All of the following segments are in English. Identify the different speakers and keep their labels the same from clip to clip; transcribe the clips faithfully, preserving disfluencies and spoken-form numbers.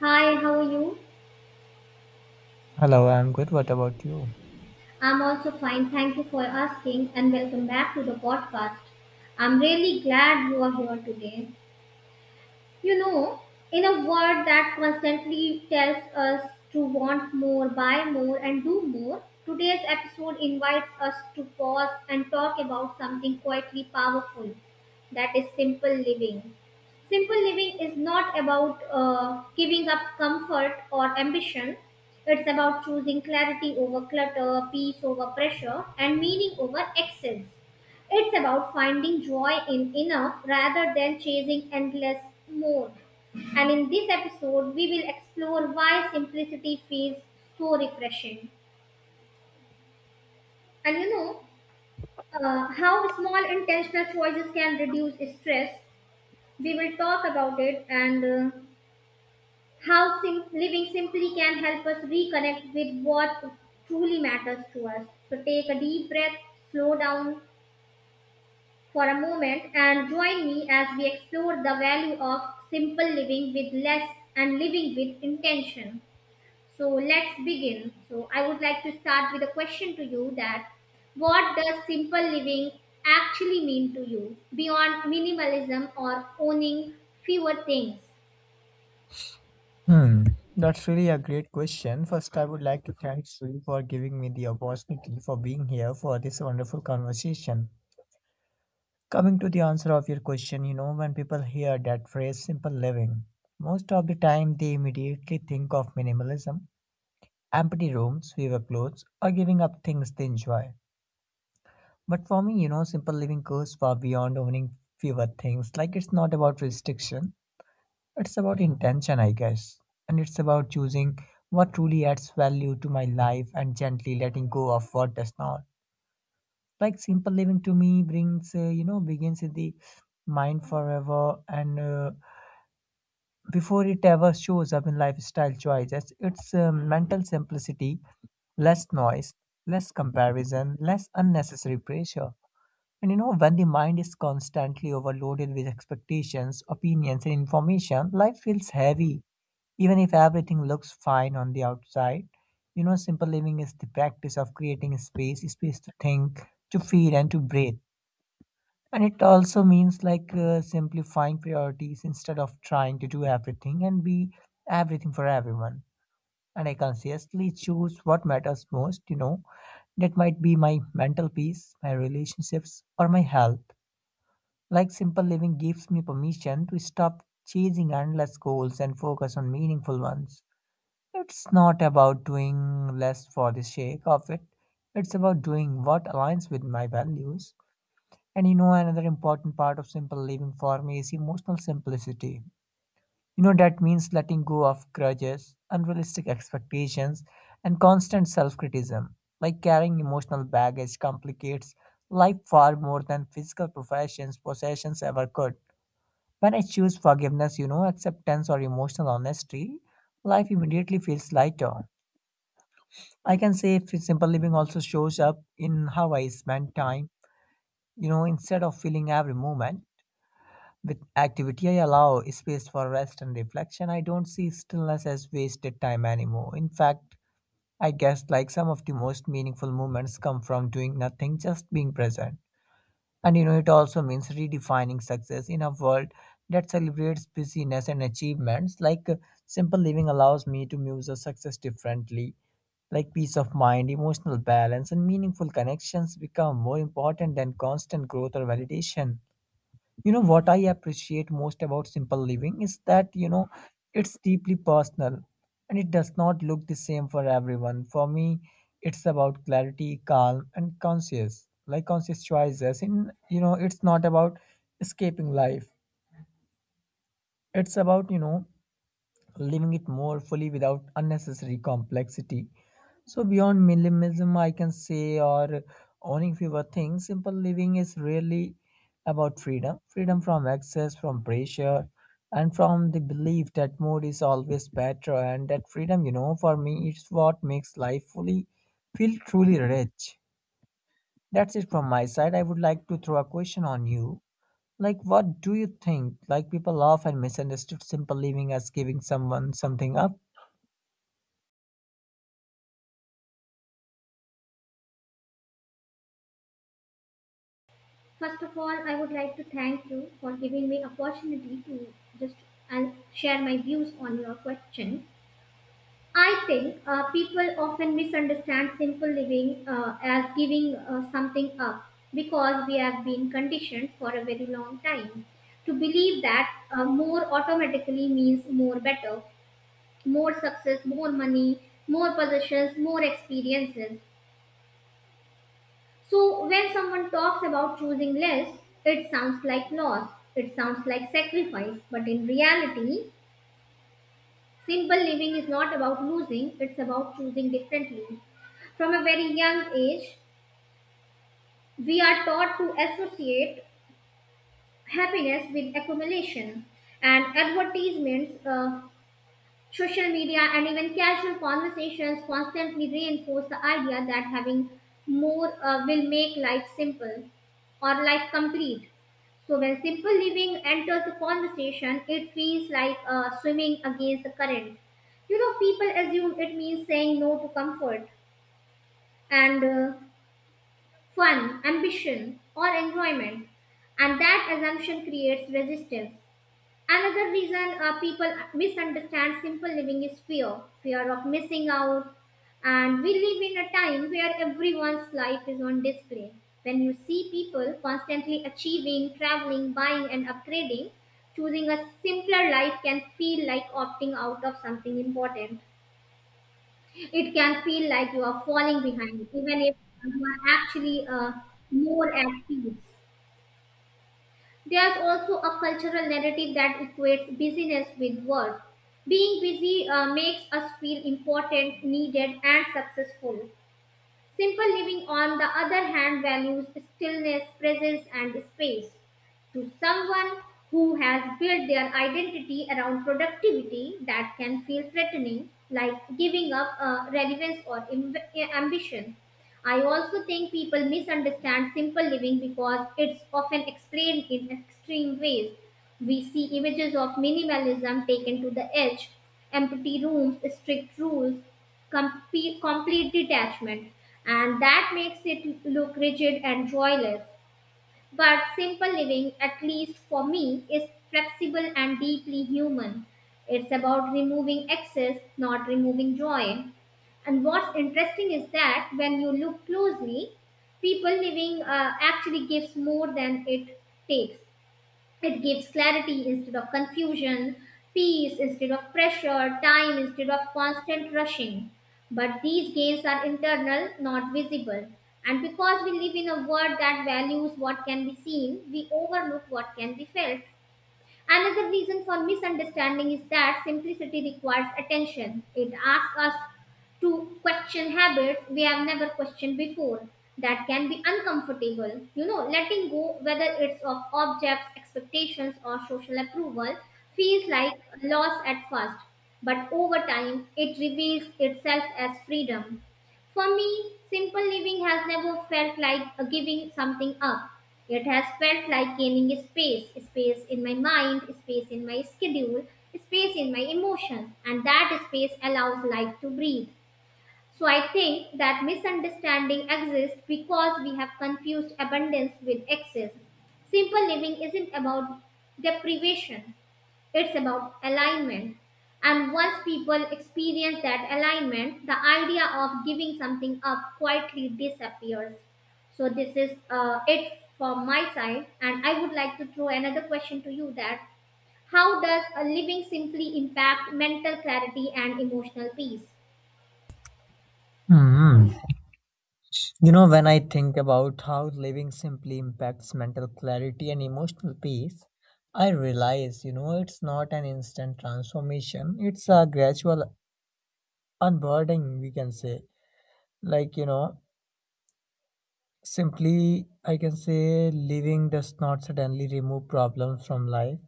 Speaker 1: Hi, how are you?
Speaker 2: Hello, I'm good. What about you?
Speaker 1: I'm also fine. Thank you for asking and welcome back to the podcast. I'm really glad you are here today. You know, in a world that constantly tells us to want more, buy more, and do more, today's episode invites us to pause and talk about something quietly powerful, that is simple living. Simple living is not about uh, giving up comfort or ambition. It's about choosing clarity over clutter, peace over pressure, and meaning over excess. It's about finding joy in enough rather than chasing endless more. And in this episode, we will explore why simplicity feels so refreshing. And you know, uh, how small intentional choices can reduce stress. We will talk about it, and uh, how sim- living simply can help us reconnect with what truly matters to us. So take a deep breath, slow down, for a moment and join me as we explore the value of simple living with less and living with intention. So let's begin. So I would like to start with a question to you, that what does simple living actually mean to you beyond minimalism or owning fewer things?
Speaker 2: Hmm, that's really a great question. First, I would like to thank you for giving me the opportunity for being here for this wonderful conversation. Coming to the answer of your question, you know, when people hear that phrase simple living, most of the time they immediately think of minimalism, empty rooms, fewer clothes, or giving up things they enjoy. But for me, you know, simple living goes far beyond owning fewer things. Like it's not about restriction. It's about intention, I guess. And it's about choosing what truly adds value to my life and gently letting go of what does not. Like simple living to me brings, uh, you know, begins in the mind forever and uh, before it ever shows up in lifestyle choices. It's um, mental simplicity, less noise, less comparison, less unnecessary pressure. And you know, when the mind is constantly overloaded with expectations, opinions, and information, life feels heavy. Even if everything looks fine on the outside, you know, simple living is the practice of creating space, space to think, to feel, and to breathe. And it also means like uh, simplifying priorities instead of trying to do everything and be everything for everyone. And I consciously choose what matters most, you know, that might be my mental peace, my relationships, or my health. Like simple living gives me permission to stop chasing endless goals and focus on meaningful ones. It's not about doing less for the sake of it, it's about doing what aligns with my values. And you know, another important part of simple living for me is emotional simplicity. You know, that means letting go of grudges, unrealistic expectations, and constant self criticism. Like carrying emotional baggage complicates life far more than physical professions, possessions ever could. When I choose forgiveness, you know, acceptance or emotional honesty, life immediately feels lighter. I can say f- simple living also shows up in how I spend time. You know, instead of filling every moment with activity, I allow space for rest and reflection. I don't see stillness as wasted time anymore. In fact, I guess like some of the most meaningful moments come from doing nothing, just being present. And you know, it also means redefining success in a world that celebrates busyness and achievements. Like uh, simple living allows me to muse on success differently. Like peace of mind, emotional balance, and meaningful connections become more important than constant growth or validation. You know what I appreciate most about simple living is that you know it's deeply personal and it does not look the same for everyone. For me, it's about clarity, calm, and conscious, like conscious choices. In you know, it's not about escaping life. It's about you know living it more fully without unnecessary complexity. So beyond minimalism, I can say, or owning fewer things, simple living is really about freedom, freedom from excess, from pressure, and from the belief that more is always better. And that freedom, you know, for me, it's what makes life fully feel truly rich. That's it from my side. I would like to throw a question on you. Like, what do you think? Like, people often misunderstood simple living as giving someone something up.
Speaker 1: First of all, I would like to thank you for giving me opportunity to just and share my views on your question. I think uh, people often misunderstand simple living uh, as giving uh, something up, because we have been conditioned for a very long time to believe that uh, more automatically means more better, more success, more money, more possessions, more experiences. So when someone talks about choosing less, it sounds like loss, it sounds like sacrifice, but in reality, simple living is not about losing, it's about choosing differently. From a very young age, we are taught to associate happiness with accumulation, and advertisements, uh, social media, and even casual conversations constantly reinforce the idea that having more uh, will make life simple or life complete. So when simple living enters the conversation, it feels like uh, swimming against the current. You know, people assume it means saying no to comfort and uh, fun, ambition, or enjoyment, and that assumption creates resistance. Another reason uh, people misunderstand simple living is fear, fear of missing out. And we live in a time where everyone's life is on display. When you see people constantly achieving, traveling, buying, and upgrading, choosing a simpler life can feel like opting out of something important. It can feel like you are falling behind, even if you are actually uh, more at peace. There's also a cultural narrative that equates busyness with worth. Being busy uh, makes us feel important, needed, and successful. Simple living, on the other hand, values stillness, presence, and space. To someone who has built their identity around productivity, that can feel threatening, like giving up uh, relevance or amb- ambition. I also think people misunderstand simple living because it's often explained in extreme ways. We see images of minimalism taken to the edge, empty rooms, strict rules, complete, complete detachment, and that makes it look rigid and joyless. But simple living, at least for me, is flexible and deeply human. It's about removing excess, not removing joy. And what's interesting is that when you look closely, people living uh, actually gives more than it takes. It gives clarity instead of confusion, peace instead of pressure, time instead of constant rushing. But these gains are internal, not visible. And because we live in a world that values what can be seen, we overlook what can be felt. Another reason for misunderstanding is that simplicity requires attention. It asks us to question habits we have never questioned before. That can be uncomfortable. You know, letting go, whether it's of objects, expectations, or social approval, feels like loss at first. But over time, it reveals itself as freedom. For me, simple living has never felt like a giving something up. It has felt like gaining a space, a space in my mind, a space in my schedule, a space in my emotions, and that space allows life to breathe. So I think that misunderstanding exists because we have confused abundance with excess. Simple living isn't about deprivation. It's about alignment. And once people experience that alignment, the idea of giving something up quietly disappears. So this is uh, it from my side. And I would like to throw another question to you, that how does a living simply impact mental clarity and emotional peace?
Speaker 2: Hmm. You know, when I think about how living simply impacts mental clarity and emotional peace, I realize, you know, it's not an instant transformation, it's a gradual unburdening, we can say. Like, you know, simply, I can say living does not suddenly remove problems from life,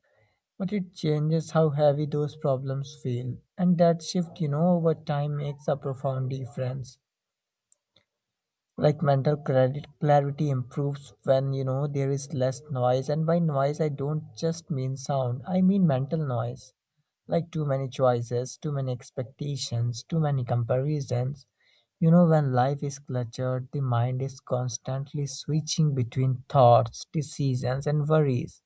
Speaker 2: but it changes how heavy those problems feel. And that shift, you know, over time makes a profound difference. Like mental credit clarity improves when you know there is less noise, and by noise I don't just mean sound, I mean mental noise. Like too many choices, too many expectations, too many comparisons. You know, when life is cluttered the mind is constantly switching between thoughts, decisions and worries.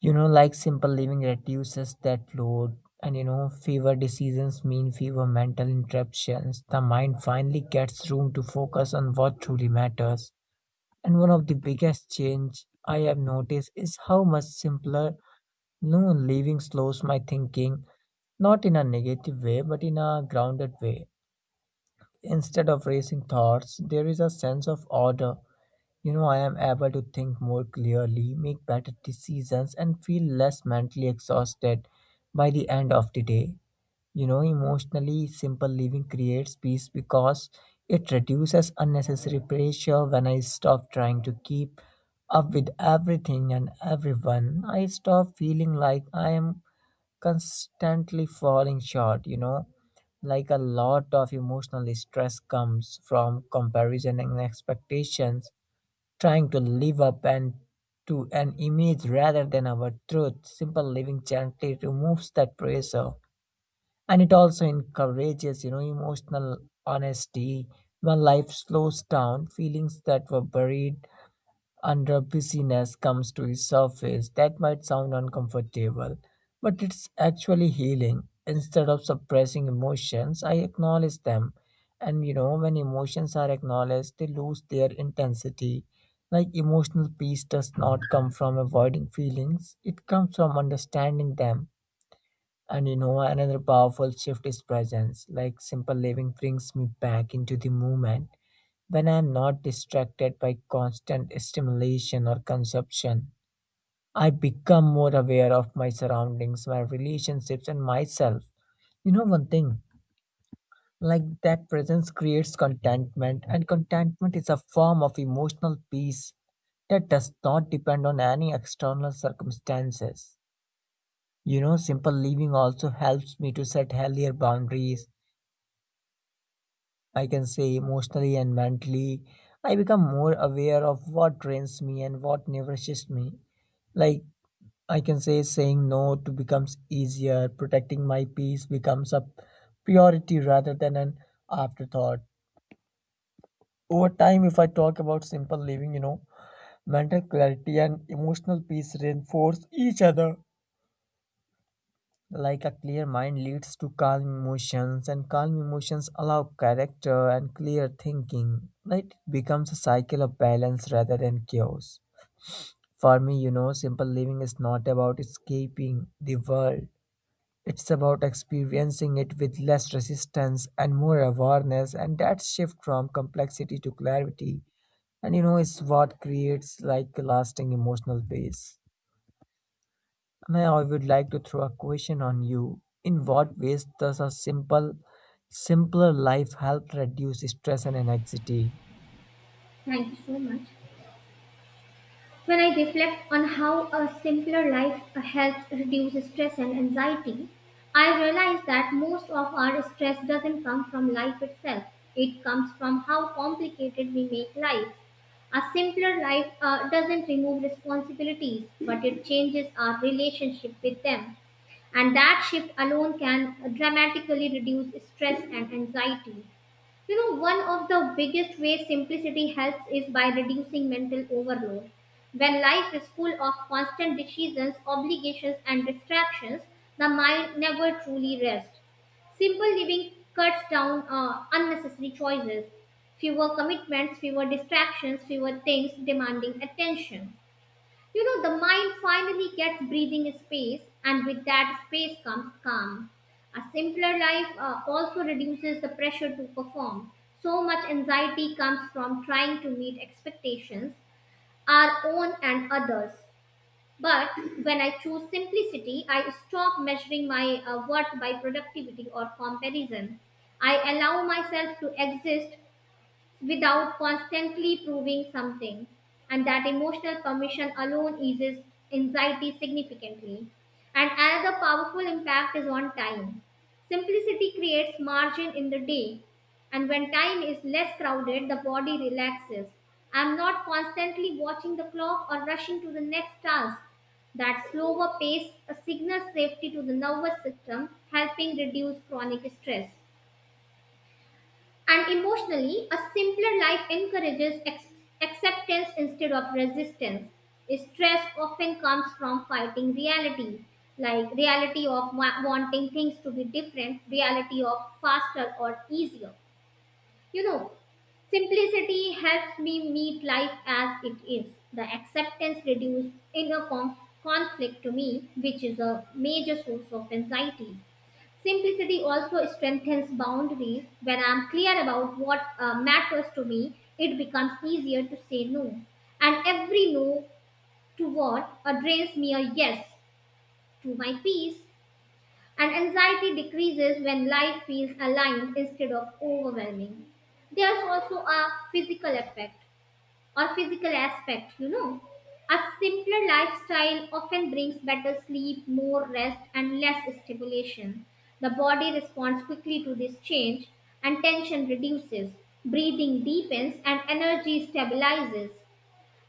Speaker 2: You know, like simple living reduces that load. And you know, fewer decisions mean fewer mental interruptions. The mind finally gets room to focus on what truly matters. And one of the biggest change I have noticed is how much simpler no living slows my thinking, not in a negative way but in a grounded way. Instead of racing thoughts, there is a sense of order. You know, I am able to think more clearly, make better decisions, and feel less mentally exhausted by the end of the day. You know, emotionally, simple living creates peace because it reduces unnecessary pressure. When I stop trying to keep up with everything and everyone, I stop feeling like I am constantly falling short, you know. Like a lot of emotional stress comes from comparison and expectations, trying to live up and to an image rather than our truth. Simple living gently removes that pressure, and it also encourages, you know, emotional honesty. When life slows down, feelings that were buried under busyness comes to the surface. That might sound uncomfortable, but it's actually healing. Instead of suppressing emotions, I acknowledge them. And you know, when emotions are acknowledged, they lose their intensity. Like emotional peace does not come from avoiding feelings, it comes from understanding them. And you know, another powerful shift is presence. Like simple living brings me back into the moment when I am not distracted by constant stimulation or consumption, I become more aware of my surroundings, my relationships, and myself. You know, one thing like that presence creates contentment, and contentment is a form of emotional peace that does not depend on any external circumstances. You know, simple living also helps me to set healthier boundaries. I can say emotionally and mentally, I become more aware of what drains me and what nourishes me. Like I can say, saying no to becomes easier, protecting my peace becomes a priority rather than an afterthought. Over time, if I talk about simple living, you know, mental clarity and emotional peace reinforce each other. Like a clear mind leads to calm emotions, and calm emotions allow character and clear thinking. Right? It becomes a cycle of balance rather than chaos. For me, you know, simple living is not about escaping the world. It's about experiencing it with less resistance and more awareness, and that shift from complexity to clarity. And you know, it's what creates like lasting emotional peace. Now, I would like to throw a question on you. In what ways does a simple, simpler life help reduce stress and anxiety?
Speaker 1: Thank you so much. When I reflect on how a simpler life helps reduce stress and anxiety, I realize that most of our stress doesn't come from life itself. It comes from how complicated we make life. A simpler life uh, doesn't remove responsibilities, but it changes our relationship with them. And that shift alone can dramatically reduce stress and anxiety. You know, one of the biggest ways simplicity helps is by reducing mental overload. When life is full of constant decisions, obligations, and distractions, the mind never truly rests. Simple living cuts down uh, unnecessary choices, fewer commitments, fewer distractions, fewer things demanding attention. You know, the mind finally gets breathing space, and with that space comes calm. A simpler life uh, also reduces the pressure to perform. So much anxiety comes from trying to meet expectations, our own and others. But when I choose simplicity, I stop measuring my uh, worth by productivity or comparison. I allow myself to exist without constantly proving something. And that emotional permission alone eases anxiety significantly. And another powerful impact is on time. Simplicity creates margin in the day. And when time is less crowded, the body relaxes. I'm not constantly watching the clock or rushing to the next task. That slower pace signals safety to the nervous system, helping reduce chronic stress. And emotionally, a simpler life encourages ex- acceptance instead of resistance. Stress often comes from fighting reality, like reality of wa- wanting things to be different, reality of faster or easier. You know, simplicity helps me meet life as it is. The acceptance reduces inner conf- conflict to me, which is a major source of anxiety. Simplicity also strengthens boundaries. When I'm clear about what uh, matters to me, it becomes easier to say no. And every no to what uh, drains me a yes to my peace. And anxiety decreases when life feels aligned instead of overwhelming. There's also a physical effect or physical aspect, you know. A simpler lifestyle often brings better sleep, more rest, and less stimulation. The body responds quickly to this change, and tension reduces. Breathing deepens, and energy stabilizes.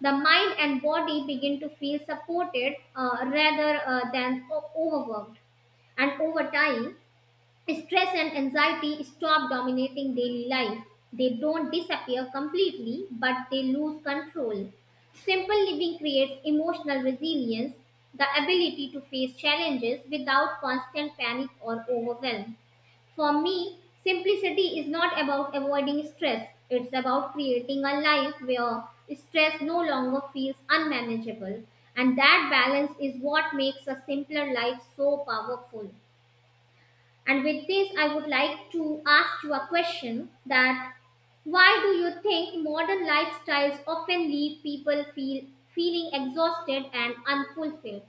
Speaker 1: The mind and body begin to feel supported uh, rather uh, than o- overworked. And over time, stress and anxiety stop dominating daily life. They don't disappear completely, but they lose control. Simple living creates emotional resilience, the ability to face challenges without constant panic or overwhelm. For me, simplicity is not about avoiding stress, it's about creating a life where stress no longer feels unmanageable. And that balance is what makes a simpler life so powerful. And with this, I would like to ask you a question, that why do you think modern lifestyles often leave people feel feeling exhausted and unfulfilled?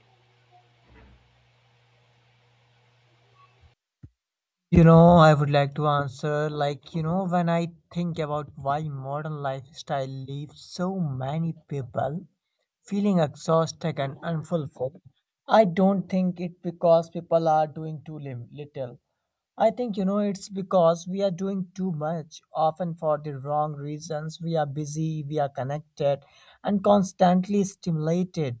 Speaker 2: You know, I would like to answer like, you know, when I think about why modern lifestyle leaves so many people feeling exhausted and unfulfilled. I don't think it because people are doing too lim- little. I think you know it's because we are doing too much, often for the wrong reasons. We are busy, we are connected, and constantly stimulated,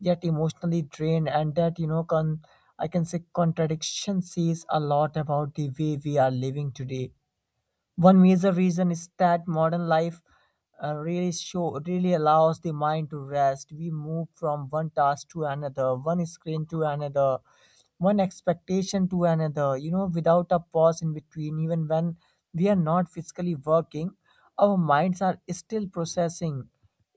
Speaker 2: yet emotionally drained. And that you know, con- I can say contradiction says a lot about the way we are living today. One major reason is that modern life uh, really show really allows the mind to rest. We move from one task to another, one screen to another, one expectation to another. You know, without a pause in between, even when we are not physically working, our minds are still processing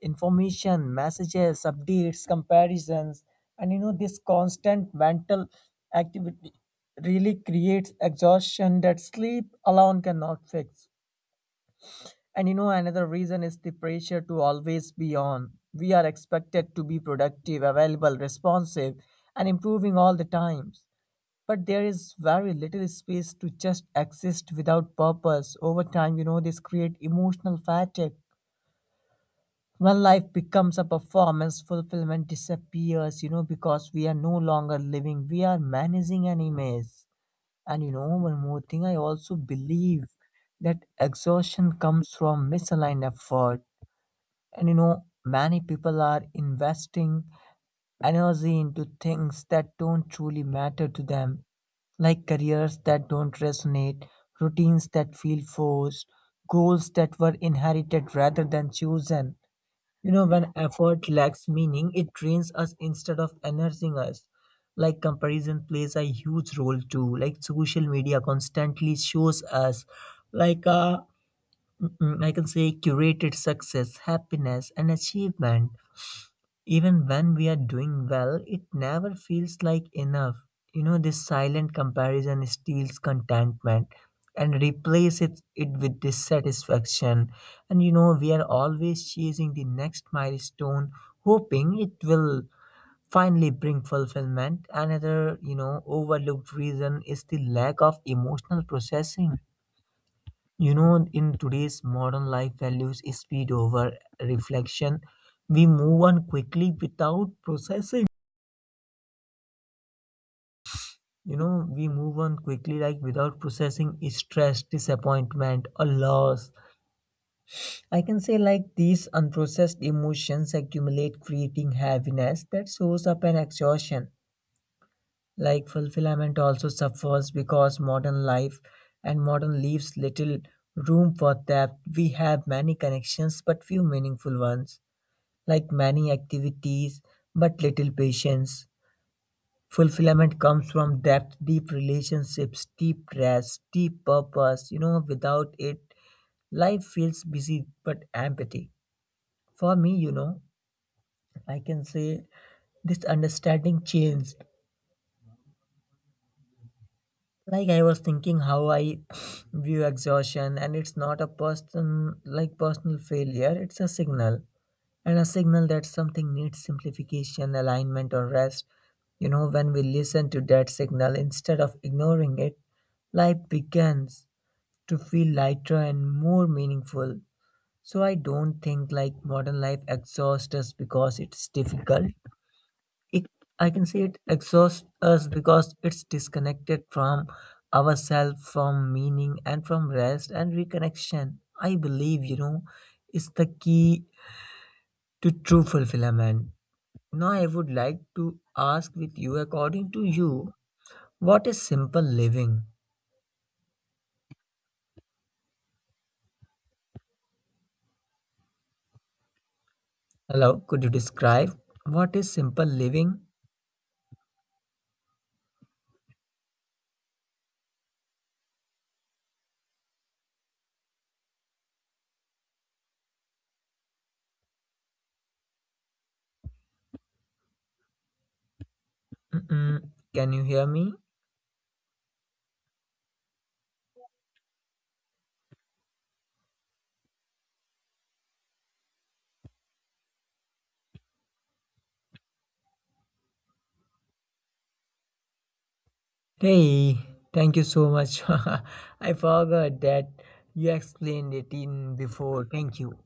Speaker 2: information, messages, updates, comparisons, and you know this constant mental activity really creates exhaustion that sleep alone cannot fix. And you know, another reason is the pressure to always be on. We are expected to be productive, available, responsive, and improving all the times. But there is very little space to just exist without purpose. Over time, you know, this creates emotional fatigue. When life becomes a performance, fulfillment disappears, you know, because we are no longer living, we are managing an image. And you know, one more thing, I also believe that exhaustion comes from misaligned effort. And you know, many people are investing energy into things that don't truly matter to them, like careers that don't resonate, routines that feel forced, goals that were inherited rather than chosen. You know, when effort lacks meaning, it drains us instead of enhancing us. Like comparison plays a huge role too. Like social media constantly shows us like uh mm, mm, I can say curated success, happiness and achievement, even when we are doing well, it never feels like enough. You know, this silent comparison steals contentment and replaces it with dissatisfaction. And you know, we are always chasing the next milestone, hoping it will finally bring fulfillment. Another, you know, overlooked reason is the lack of emotional processing. You know, in today's modern life, values speed over reflection. We move on quickly without processing. You know, we move on quickly, like without processing stress, disappointment, or loss. I can say, like, these unprocessed emotions accumulate, creating heaviness that shows up in exhaustion. Like, fulfillment also suffers because modern life and modern leaves little room for depth. We have many connections, but few meaningful ones. Like many activities, but little patience. Fulfillment comes from depth, deep relationships, deep rest, deep purpose. You know, without it, life feels busy but empty. For me, you know, I can say this understanding changed. Like I was thinking how I view exhaustion, and it's not a person like personal failure, it's a signal and a signal that something needs simplification, alignment, or rest. You know, when we listen to that signal instead of ignoring it, life begins to feel lighter and more meaningful. So I don't think like modern life exhausts us because it's difficult. It I can say it exhausts us because it's disconnected from ourselves, from meaning and from rest and reconnection. I believe, you know, is the key to true fulfillment. Now, I would like to ask with you, according to you, what is simple living? Hello, could you describe what is simple living? Mm-mm. Can you hear me? Hey, thank you so much. I forgot that you explained it in before. Thank you.